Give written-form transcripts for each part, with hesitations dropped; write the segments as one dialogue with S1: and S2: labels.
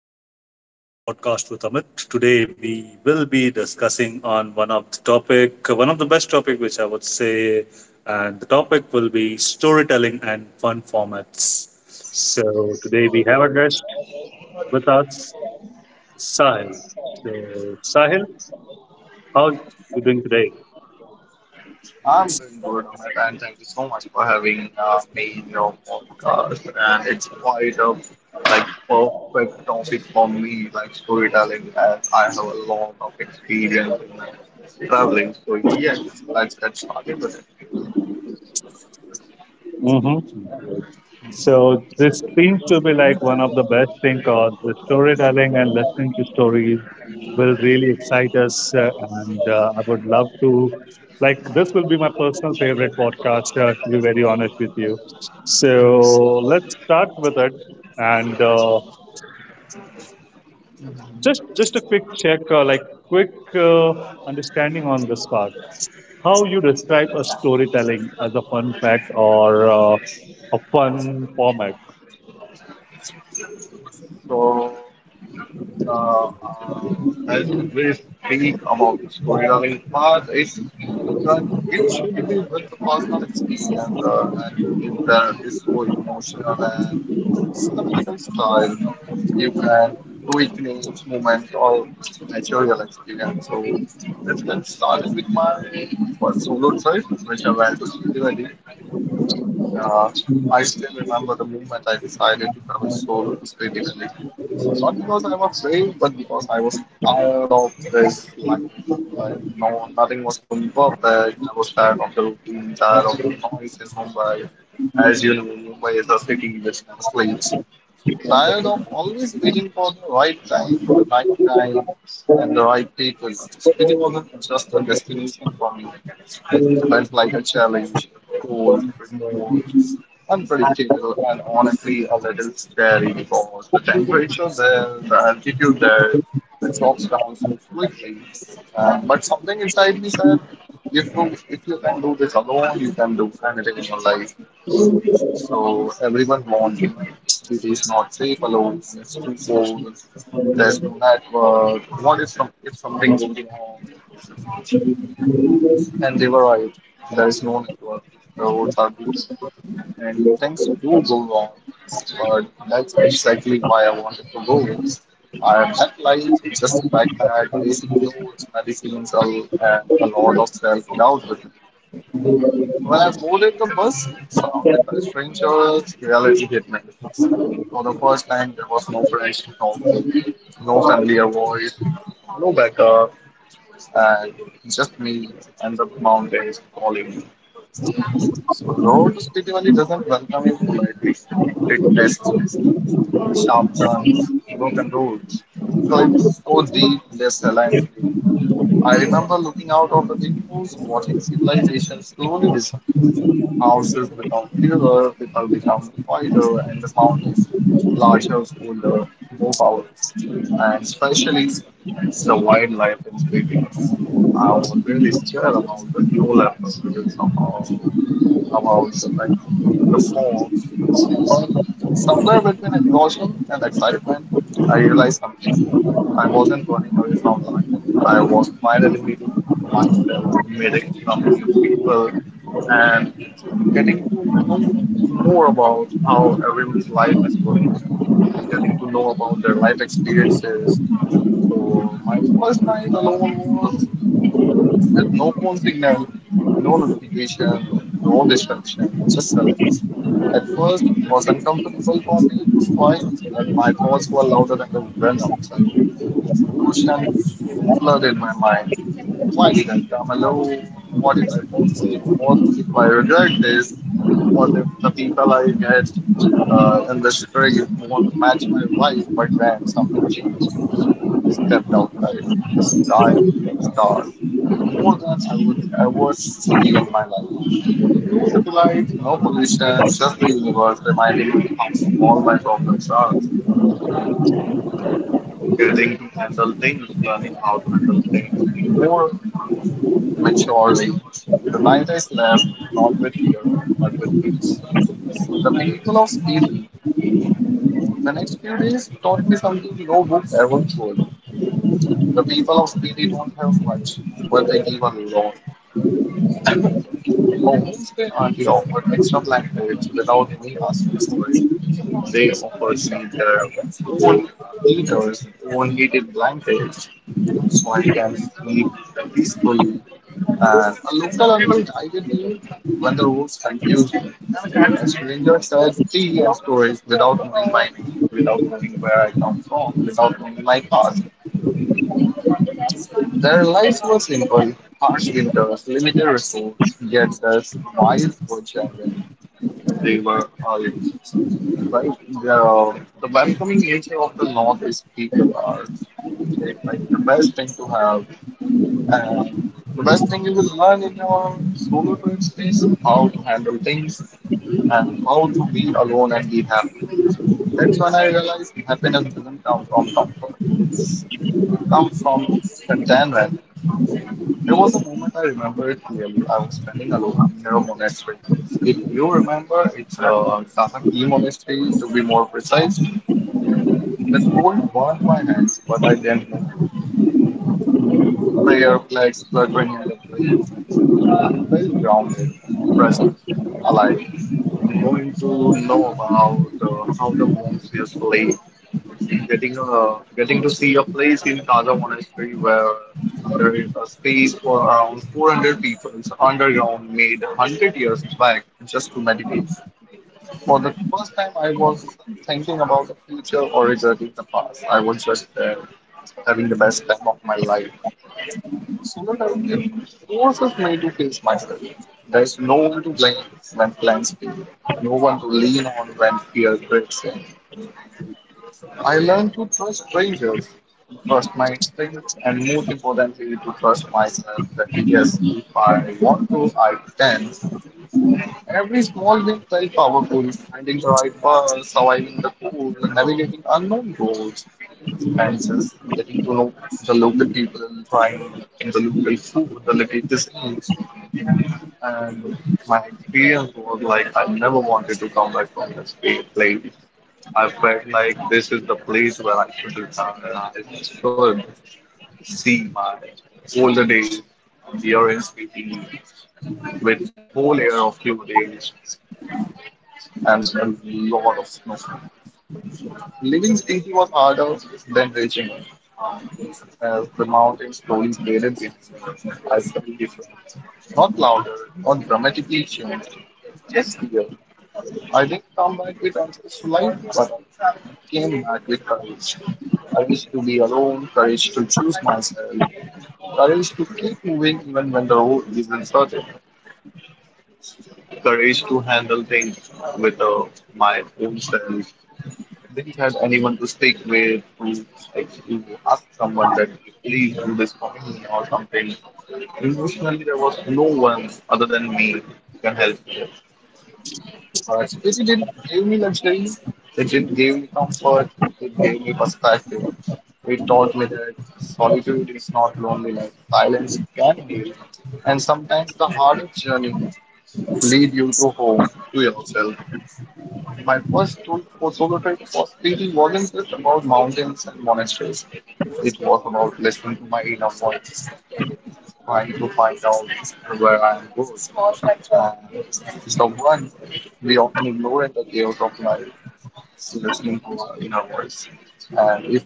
S1: hi, welcome to Podcast with Amit. Today we will be discussing on one of the topic, one of the best topic, which I would say, and the topic will be storytelling and fun formats. So today we have a guest with us, Sahil. So Sahil, how are you doing today?
S2: I'm doing good, Amit, and thank you so much for having me in your podcast. And it's quite a like perfect topic for me, like storytelling, as I have a lot of experience in traveling. So yes, let's get started with it.
S1: Mm-hmm. So this seems to be like one of the best thing because the storytelling and listening to stories will really excite us. And I would love to, like, this will be my personal favorite podcast, to be very honest with you. So let's start with it. And Just a quick check, like, quick understanding on this part. How you describe a storytelling as a fun fact or a fun format?
S2: So uh, uh, as we speak about the storytelling part, So it should be with the personal experience, and that is so emotional and cinematical style. You can recreate moments or natural experience. So let's get started with my first solo trip, which I went to Spiti Valley. Uh, I still remember the moment I decided to travel solo to Spiti Valley. Not because I was brave, but because I was tired of this life. Like no, nothing was going perfect. I was tired of the routine, tired of the noise in Mumbai. As you know, Mumbai is a city which never sleeps. Tired of always waiting for the right time, and the right people. City wasn't just a destination for me. It felt like a challenge, cold, remote, unpredictable, and honestly a little scary because the temperature there, the altitude there drops down so quickly. But something inside me said, if you can do this alone, you can do anything in your life. So everyone warned me, it is not safe alone, it's too cold, there's no network, what if, some, if something goes wrong? And they were right. There is no network, the roads are beaten, and things do go wrong. But that's exactly why I wanted to go. I felt like just like that, basic clothes, medicines, and a lot of self doubt with me. When I boarded the bus, surrounded by strangers, reality hit me. For the first time, there was no friends to talk to, no familiar voice, no backup, and just me and the mountains calling me. So road spiritually doesn't welcome you politely. It tests sharp turns, broken roads, cliffs so deep they silence. I remember looking out of the windows, watching civilization slowly disappear. Houses become fewer, people become quieter, and the mountains larger, older, more powerful. And especially the wildlife in Spain. I was really scared about the snow leopards, about, about the, like, the fog. But somewhere between exhaustion and excitement, I realized something. I wasn't running away from life. I was finally meeting myself, meeting some new people, and getting to know more about how everyone's life is going, getting to know about their life experiences. So, my first night alone was with no phone signal, no notification, no distraction, just silence. At first, it was uncomfortable for me, quite, but my thoughts were louder than the wind outside. Question times flood in my mind. Why did I come alone? What if I fall sick? What if I regret this? What if the people I get in this trip won't match my vibe? But then something changed. I stepped outside. The sky became dark. More than I would ever see in my life. No satellites, no pollution, just the universe reminding me how small my problems are, getting to handle things, learning how to handle things more maturely. The night is left not with fear, but with peace. The people of Speedy, the next few days taught me something no book ever could. The people of Speedy don't have much, but they give a lot. A homestay auntie offered extra blankets without me asking for it. They offered me their own heaters, own heated blankets, so I can sleep peacefully, and a local uncle guided me when the roads confused me. A stranger shared tea and stories without knowing my name, without knowing where I come from, without knowing my past. Their lives were simple, harsh winters, limited resources, yet their smiles were genuine. They were all right. The, the welcoming nature of the North is people are like the best thing to have. And the best thing you will learn in your solo trips is how to handle things and how to be alone and be happy. That's when I realized happiness doesn't come from comfort. It's comes from contentment. There was a moment I remember it clearly. I was standing alone near a monastery. If you remember, it's a Sasaki monastery to be more precise. The cold burned my hands, but I didn't move. Prayer flags fluttering in the breeze. I felt grounded, present, alive, knowing to know about how the monks monsters play, getting to see a place in Taza Monastery where there is a space for around 400 people underground made 100 years back just to meditate. For the first time, I was thinking about the future or regretting the past. I was just there having the best time of my life. So that I believe forces just made to face myself. There's no one to blame when plans fail, no one to lean on when fear creeps in. I learned to trust strangers, to trust my instincts, and most importantly, to trust myself that yes, if I want to, I can. Every small win felt powerful, finding the right bus, surviving the cold, navigating unknown roads, and just getting to know the local people, trying the local food, the local cuisines. And my experience was like I never wanted to come back from this place. Like, I felt like this is the place where I should return and I should see my older days, the experience with whole year of few days and a lot of snow. Leaving Spiti was harder than reaching it, as the mountain slowly faded behind us. I different. Not louder, not dramatically changed, just here. I didn't come back with answers to life, but I came back with courage. Courage to be alone, courage to choose myself, courage to keep moving even when the road is uncertain, courage to handle things with my own self. Didn't have anyone to speak with, to like to ask someone that please do this for me or something. Emotionally, there was no one other than me who can help me. But they didn't give me luxury. They didn't give me comfort. They gave me perspective. They taught me that solitude is not loneliness. Silence can heal. And sometimes the hardest journey lead you to home, to yourself. My first tool for solo trip was really wasn't just about mountains and monasteries. It was about listening to my inner voice, trying to find out where I am good. And it's the one we often ignore in the chaos of life, listening to our inner voice. And if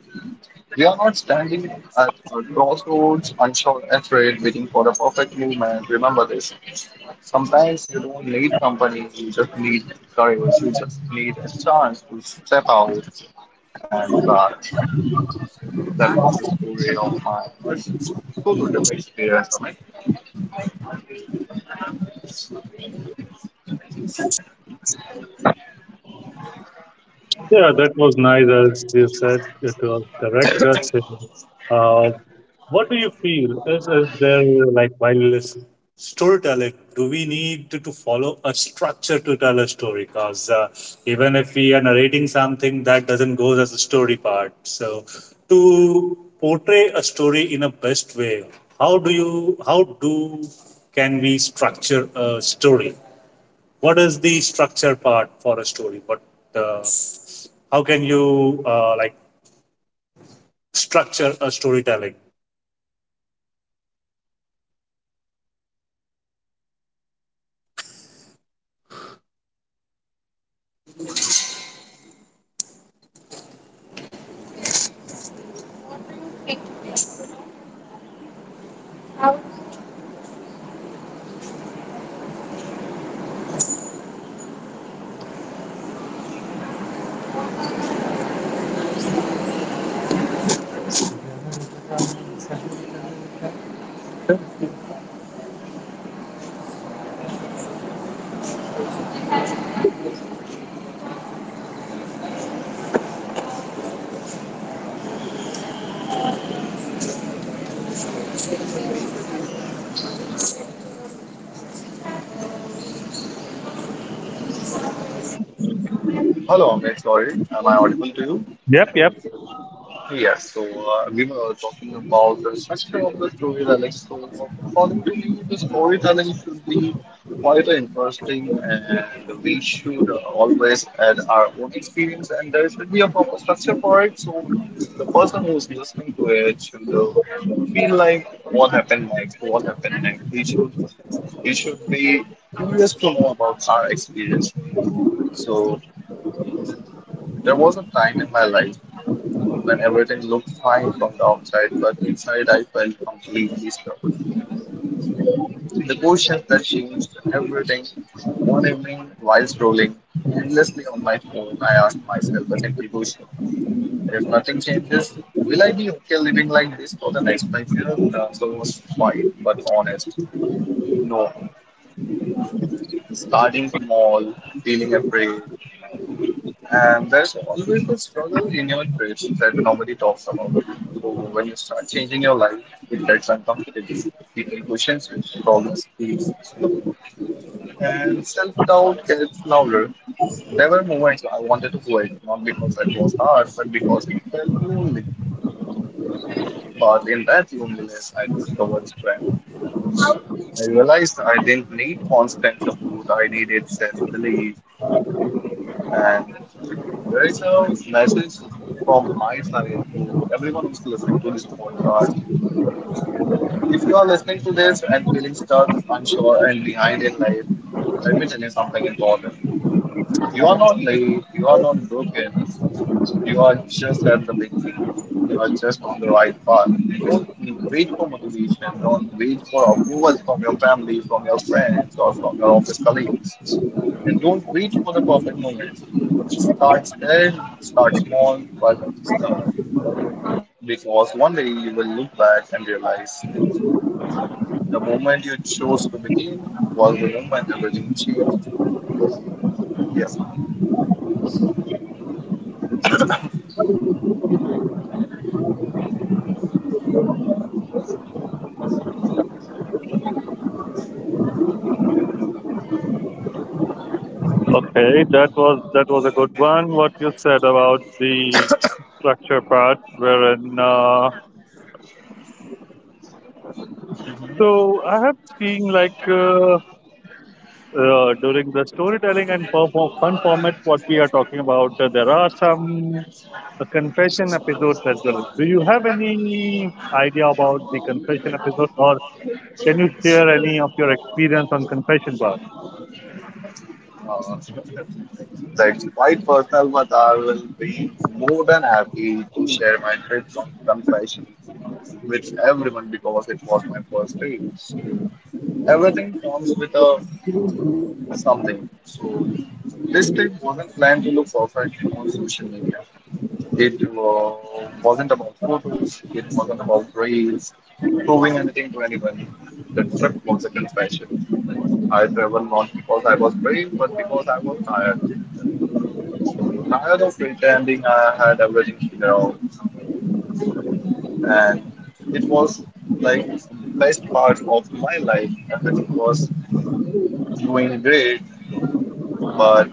S2: we are not standing at a crossroads, unsure, afraid, waiting for the perfect moment, remember this. Sometimes you don't need company, you just need courage, you just need a chance to step out, and that was the story of my first solo trip experience, Amit.
S1: Yeah, that was nice, as you said. It was correct. Uh, what do you feel? Is there, like, storytelling, do we need to follow a structure to tell a story? Because even if we are narrating something, that doesn't go as a story part. So, to portray a story in a best way, how do, can we structure a story? What is the structure part for a story? What uh, how can you like structure a storytelling?
S2: Hello, Amit. Sorry, am I audible to you?
S1: Yep, yep.
S2: Yes. So we were talking about the structure of the storytelling. So according to me, the storytelling should be quite interesting, and we should always add our own experience, and there should be a proper structure for it. So the person who's listening to it should feel like what happened next, what happened next. He should You should be curious to know about our experience. So th- there was a time in my life when everything looked fine from the outside, but inside I felt completely stuck. The questions that changed everything. One evening, while scrolling endlessly on my phone, I asked myself a simple question: if nothing changes, will I be okay living like this for the next 5 years? The answer was quiet but honest. No. Starting small, feeling afraid, and there's always a struggle in your trades that nobody talks about. So when you start changing your life, it gets uncomfortable. People question you, progress feels slow, and self-doubt gets louder. There were moments I wanted to quit, not because it was hard, but because it felt lonely. But in that loneliness, I discovered strength. I realized I didn't need constant support. I needed self-belief, and there is a message from my side to everyone who's listening to this podcast. If you are listening to this and feeling stuck, unsure, and behind in life, let me tell you something important. You are not late, you are not broken. You are just at the beginning. You are just on the right path. Don't wait for motivation. Don't wait for approvals from your family, from your friends, or from your office colleagues. And don't wait for the perfect moment. Start there, start small, but start. Because one day you will look back and realize the moment you chose to begin was the moment everything changed. Yes, ma'am.
S1: Okay, that was a good one. What you said about the structure part, wherein so I have seen like during the storytelling and fun formats, what we are talking about, there are some confession episodes as well. Do you have any idea about the confession episode, or can you share any of your experience on confession part?
S2: Uh, That's quite personal, but I will be more than happy to share my trip from confession with everyone because it was my first trip. So everything comes with a something. So this trip wasn't planned to look perfect on social media. It wasn't about photos. It wasn't about reels, proving anything to anyone. The trip was a confession. I traveled not because I was brave, but because I was tired. So tired of pretending I had everything figured out, and it was like best part of my life. Everything was going great, but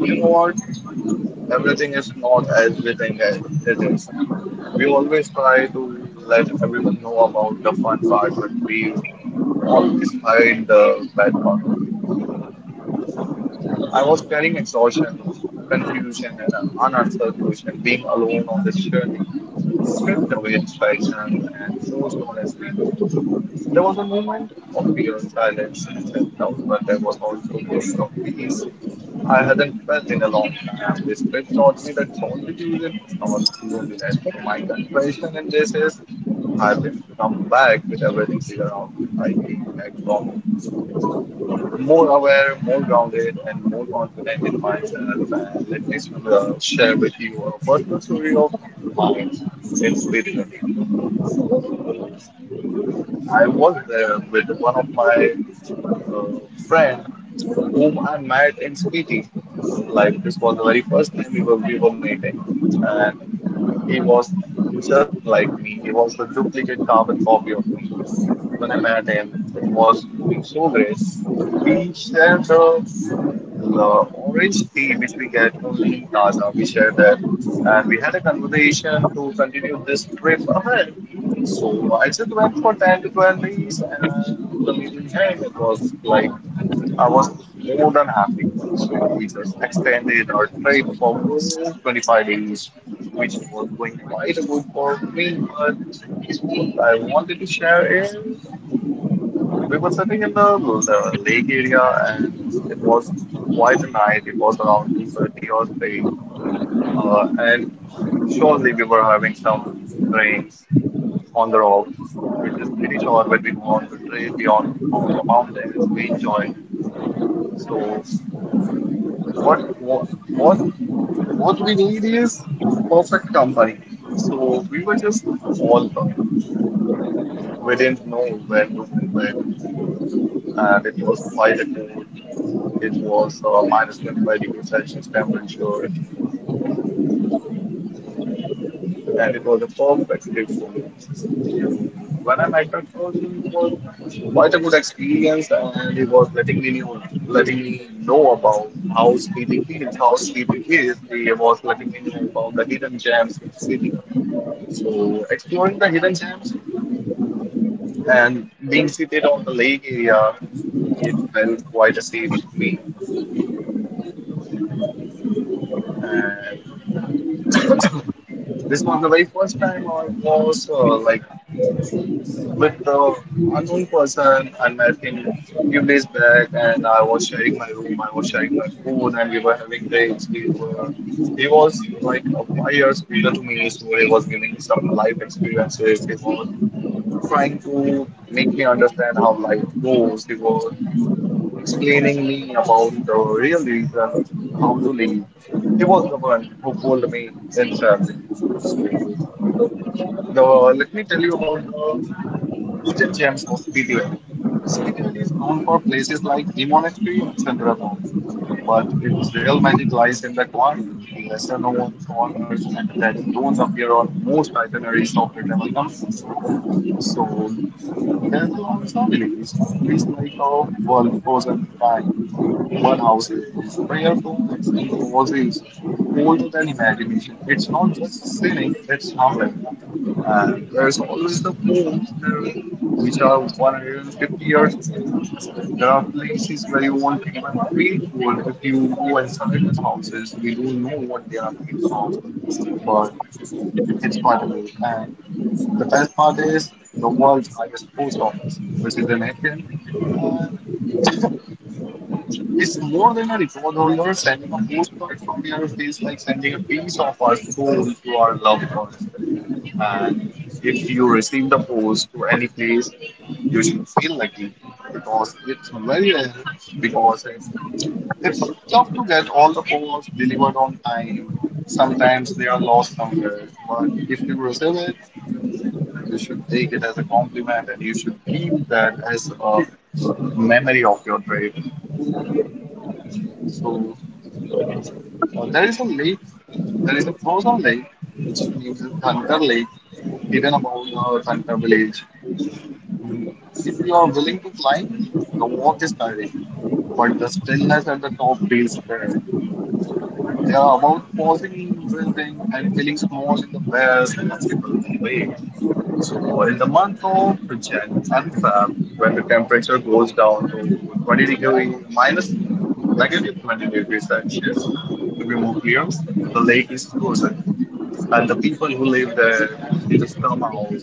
S2: you know what? Everything is not as we think as it is. We always try to let everyone know about the fun part, but we always hide the bad part of it. So I was carrying exhaustion, confusion, and unanswered questions. Being alone on this journey stripped away distractions and forced honesty. There was a moment of fear, silence, and self-doubt, but there was also a moment of peace I hadn't felt in a long time. This trip taught me that solitude is not loneliness. So my confession in this is I didn't come back with everything figured out. I came back from more aware, more grounded, and more confident in myself. And let me share with you a personal story of mine in Sweden. Uh, I was there with one of my uh, friend whom I met in Spiti. Like this was the very first time we were meeting, and he was just like me. He was a duplicate carbon copy of me. When I met him, it was doing so great. We shared the orange tea which we get only in Plaza. We shared that, and we had a conversation to continue this trip ahead. So I just went for 10 to 12 days, and after meeting him, it was like I was more than happy. So we just extended our trip for more 25 days, which was going quite good for me. But what I wanted to share is we were sitting in the lake area, and it was quite a night. It was around 2:30 or 3, and surely we were having some drinks on the rocks, which is pretty sure when we go on the trail beyond on the mountains, we enjoy. So, what what what what we need is the perfect company. So we were just all drunk. We didn't know when to go, where to go, and it was quite a cool. It was minus 25 degrees Celsius temperature, and it was a perfect trip for me. So when I met that person, it was quite a good experience, and he was letting me know about how Spiti feels, how Spiti is. He was letting me know about the hidden gems in the city. So exploring the hidden gems and being seated on the lake area, it felt quite a safe to me. And this was the very first time I was like with the unknown person I met him few days back and I was sharing my room, I was sharing my food and we were having dates. We were he was like 5 years older to me, so he was giving me some life experiences. He was trying to make me understand how life goes. He was explaining me about the real reason how to live. He was the one who pulled me in traveling. So the let me tell you about the hidden gems of Spiti Valley. Spiti Valley is known for places like the monastery and Chandratown, but its real magic lies in the quarry, the lesser known corners, and that don't appear on most itineraries of the travel companies. So there's a long story. It feels like a world frozen in time. Human houses, prayerfuls, and posies older than imagination. It's not just sinning, it's humbling. And there's always the moves there, which are 150 years old. There are places where you won't even feel cold if you go inside the houses. We don't know what they are made from, but it's quite a way. And the best part is the world's highest post office, which is in Hicken. It's more than a reward, however, sending a postcard from your face, like sending a piece of our soul to our loved ones. And if you receive the post to any place, you should feel lucky because it's very rare. Because it's, it's tough to get all the posts delivered on time. Sometimes they are lost somewhere, but if you receive it, you should take it as a compliment and you should keep that as a memory of your trip. So uh, there is a lake There is a frozen lake, which is named as Dhankar Lake, hidden above the Dhankar village. If you are willing to climb, the walk is tiring, but the stillness at the top feels great. They are about pausing, breathing, and feeling small in the best possible way. So in the month of Jan and Feb, when the temperature goes down to 20 degree minus negative 20 degrees Celsius, to be more clear, the lake is frozen, and the people who live there they just come out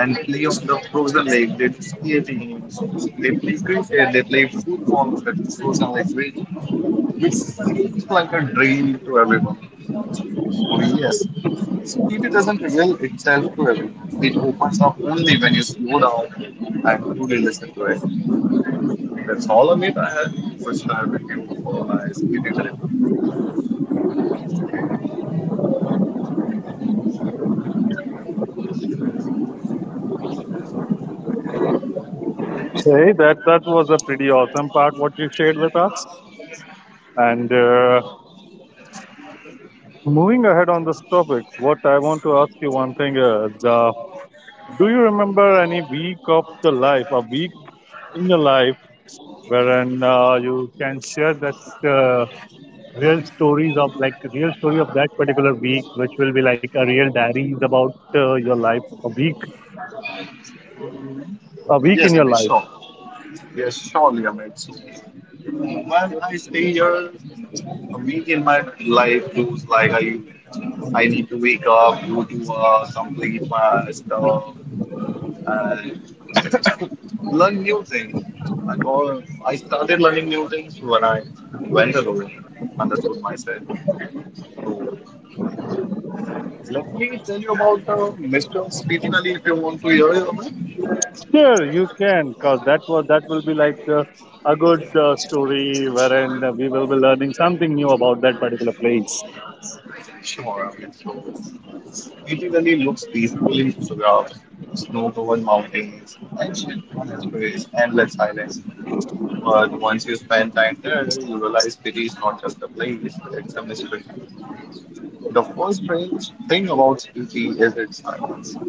S2: and play on the frozen lake. They do skating, they play cricket, they play football on the frozen lake. We it seems like a dream to everyone. So yes, Spirit doesn't reveal itself to everyone. It opens up only when you slow down and truly listen to it. That's all Amit I had to share with you for my spirit trip.
S1: Hey, that was a pretty awesome part what you shared with us. And moving ahead on this topic, what I want to ask you one thing is, do you remember any week of the life, a week in your life, wherein you can share that uh, real story of that particular week, which will be like a real diaries about your life, a week in
S2: Yes,
S1: your
S2: Amit,
S1: life.
S2: sure. Yes, surely Amit. So when I stay here, a week in my life goes like I need to wake up, go to complete my stuff, learn new things. I started learning new things when I went alone, understood myself. So let me tell you about Mr. Spiti Valley if you want to hear it. Amit.
S1: Sure, you can, because that will be like a good story wherein we will be learning something new about that particular place.
S2: Sure. Amit. So Spiti Valley looks peaceful in photographs, snow-covered mountains, ancient monasteries, endless silence. But once you spend time there, you realize Spiti is not just a place; it's a mystery. The first strange thing about Spiti is its silence.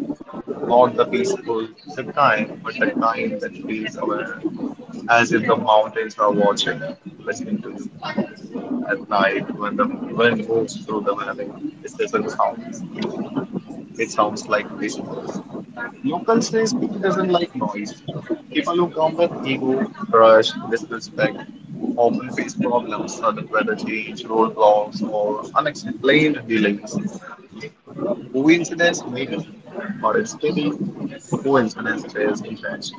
S2: Not the peaceful the kind, but the kind that feels aware, as if the mountains are watching, listening to you. At night, when the wind moves through the valley, it doesn't sound scary. It sounds like whispers. Local says people doesn't like noise. People who come with ego, rush, disrespect, often face problems, sudden weather change, roadblocks, or unexplained delays. Coincidence? Maybe. But it's pity. Coincidence is revenge.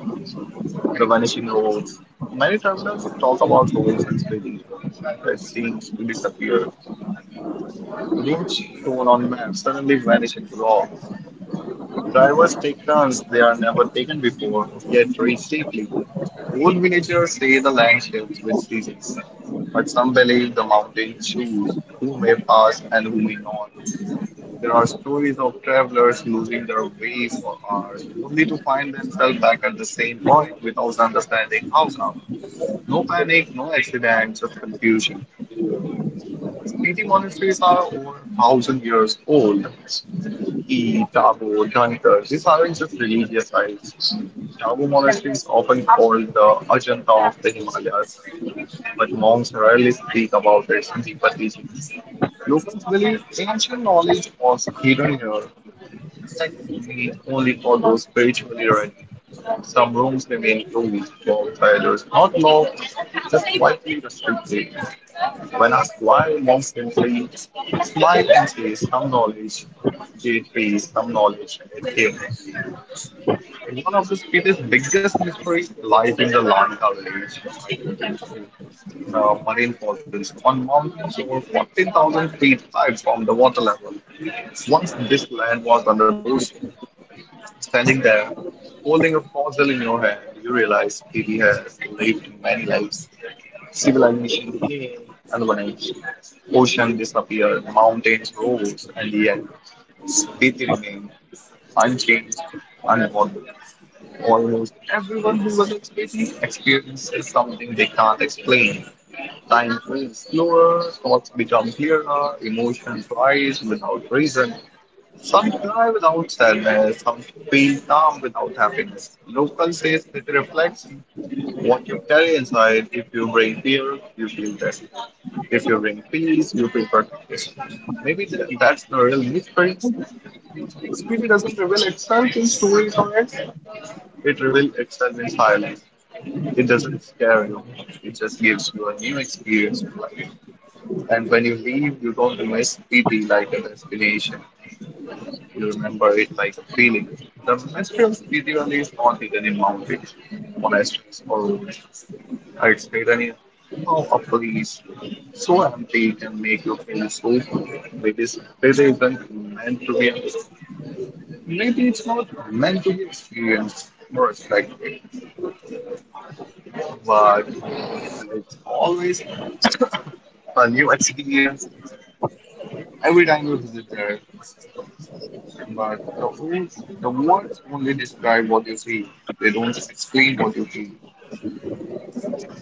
S2: The vanishing of votes. Many travelers talk about roads and spreading evil that seems to disappear. Routes shown on maps suddenly vanish into raw. Drivers take turns they are never taken before, yet reach safely. Old villagers say the land shifts with seasons, but some believe the mountain choose who may pass and who may not. There are stories of travelers losing their way for hours, only to find themselves back at the same point without understanding how come. No panic, no accident, just confusion. Spiti monasteries are over a thousand years old. Ki, Tabo, Dhankar, these aren't just religious sites. Tabo monastery is often called the Ajanta of the Himalayas, but monks rarely speak about its deeper teachings. Locals believe ancient knowledge was hidden here, indeed, only for those spiritually ready. Some rooms remain closed, while theaters not locked, just quietly restricted. When asked why, monks simply smile and say some knowledge, Jade pays some knowledge and it came. One of the city's biggest mysteries lies in the Lanka village, the marine fossils on mountains over 14,000 feet high from the water level. Once this land was under the ocean, standing there, holding a fossil in your hand, you realize Haiti has lived many lives. Civilization came and vanished. Ocean disappeared, mountains rose, and yet Haiti remained unchanged, unbothered. Almost everyone who was at experiences something they can't explain. Time feels slower, thoughts become clearer, emotions rise without reason, some cry without sadness, some feel calm without happiness. Local says it reflects what you carry inside. If you bring fear, you feel this. If you bring peace, you feel perfection. That's the real mystery. Spirit doesn't reveal itself in stories or acts. It reveals itself in silence. It doesn't scare you. It just gives you a new experience to life. And when you leave, you don't miss pity like a destination. You remember it like a feeling. The Mestrels usually is not hidden in any mountains, monasteries, or ruins. It's hidden in of a place so empty it can make you feel so full. Maybe it isn't meant to be understood. Maybe it's not meant to be experienced or respected. But it's always a new experience every time you visit there. But the words only describe what you see. They don't explain what you feel.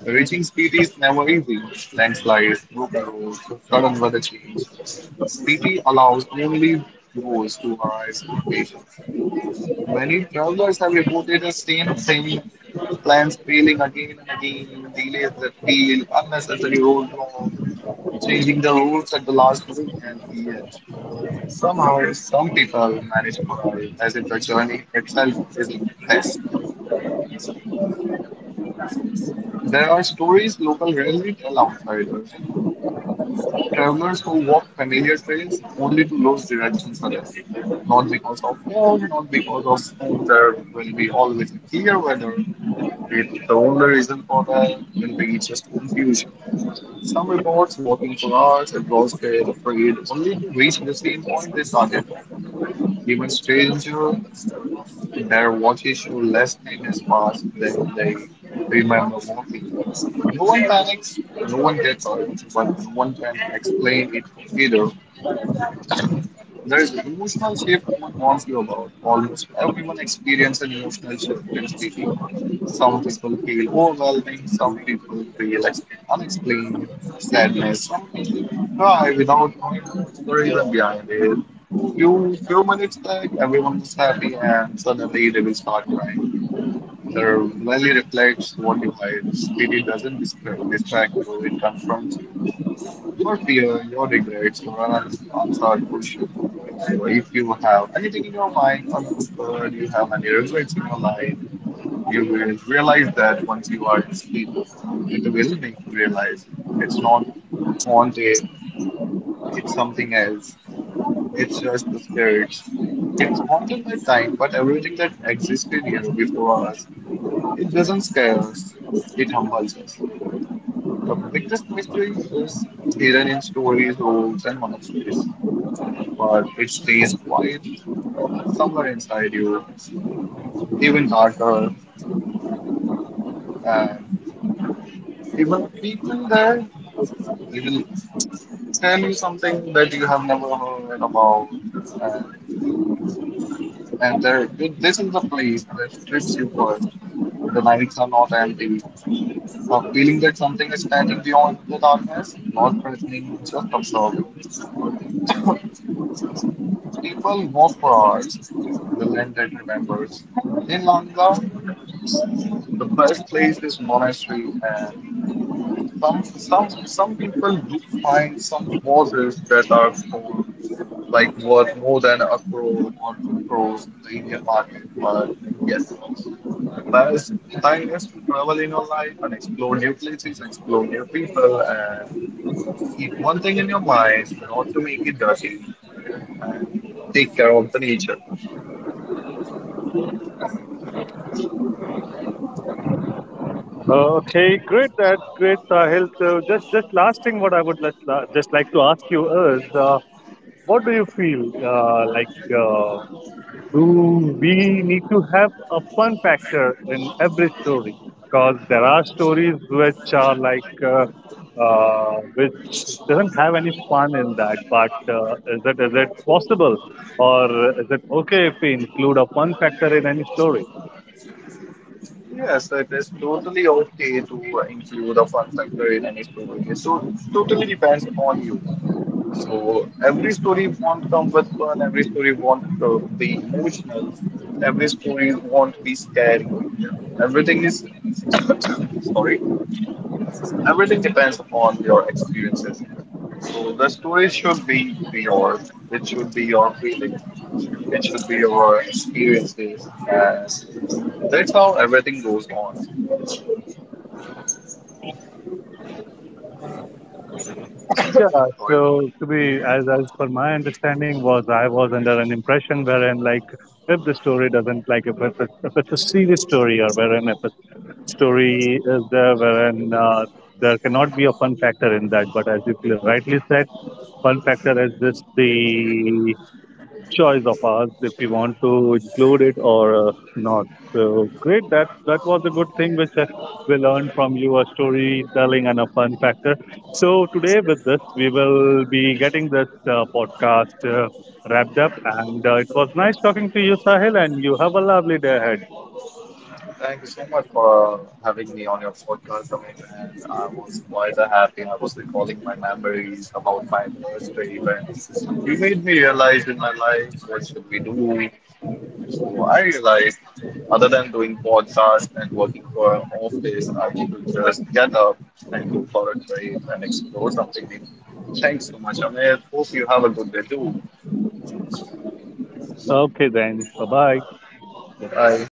S2: Reaching Spiti is never easy. Landslides, broken roads, sudden weather change. Spiti allows only those to rise with patience. Many travelers have reported the same thing, plans failing again and again, delays that feel, unnecessary roadblocks, changing the routes at the last moment, and yet somehow some people manage to arrive as if the journey itself is a test. There are stories local rarely tell outsiders. Travelers who walk familiar trails only to lose direction suddenly, not because of fog, not because of oh, there will be always a clear weather. It, the only reason for that will be just confusion. Some reports walking for hours, exhausted, afraid, only to reach the same point they started from. Even stranger, their watches show less time has passed than they remember walking. No one panics, no one gets hurt, but no one can explain it either. There is an emotional shift no one warns you about. Almost everyone experiences an emotional shift in speaking. Some people feel overwhelming, some people feel unexplained sadness, some people cry without knowing what's the reason behind it. Few minutes back, everyone was happy, and suddenly they will start crying. The rally reflects what you hide. Pity doesn't distra- distract you; it confronts you. Your fear, your regrets, your unanswered questions. So, if you have anything in your mind unanswered, you have any regrets in your life, you will realize that once you are in this feeling, it will make you realize it's not haunted, it's something else, it's just the spirits. It's haunted by time, but everything that existed here before us, it doesn't scare us, it humbles us. The biggest mystery is hidden in stories, rules, and monasteries, but it stays quiet somewhere inside you. It's even darker. And even people there, they will tell you something that you have never heard about. And, and there, this is the place that strips you first. The nights are not empty. A feeling that something is standing beyond the darkness, not threatening, just observing. People walk for hours. The land that remembers. In Langda, the best place is monastery and some people do find some horses that are for like worth more than a crore or two crores in the Indian market. But yes, the best time is to travel in your life and explore new places, explore new people, and keep one thing in your mind not to make it dirty and take care of the nature.
S1: Uh, Okay, great. That's great, Sahil. So, just last thing, what I would just like to ask you is, what do you feel like? Uh, do we need to have a fun factor in every story because there are stories which are like which doesn't have any fun in that but is it possible or is it okay if we include a fun factor in any story?
S2: Yes, it is totally okay to include a fun factor in any story. So it totally depends upon you. So every story won't come with fun. Every story won't be emotional. Every story won't be scary. Everything is sorry. Everything depends upon your experiences. So the story should be yours. It should be your feelings. It should be your experiences, and that's how everything goes on.
S1: Yeah,
S2: Sorry.
S1: so to be as per my understanding, was I was under an impression wherein like if the story doesn't, like if it's a serious story or wherein if a story is there wherein there cannot be a fun factor in that. But as you rightly said, fun factor is this the choice of ours if we want to include it or not. So great, that was a good thing which we learned from you, a storytelling and a fun factor. So today with this, we will be getting this podcast wrapped up, and it was nice talking to you, Sahil, and you have a lovely day ahead.
S2: Thank you so much for having me on your podcast, Amit. And I was quite happy. I was recalling my memories about my Thursday events. You made me realize in my life what should we do. So I realized, other than doing podcasts and working for an office, I should just get up and go for a trip and explore something new. Thanks so much, Amit. Hope you have a good day too.
S1: Okay, then, bye bye.
S2: Bye.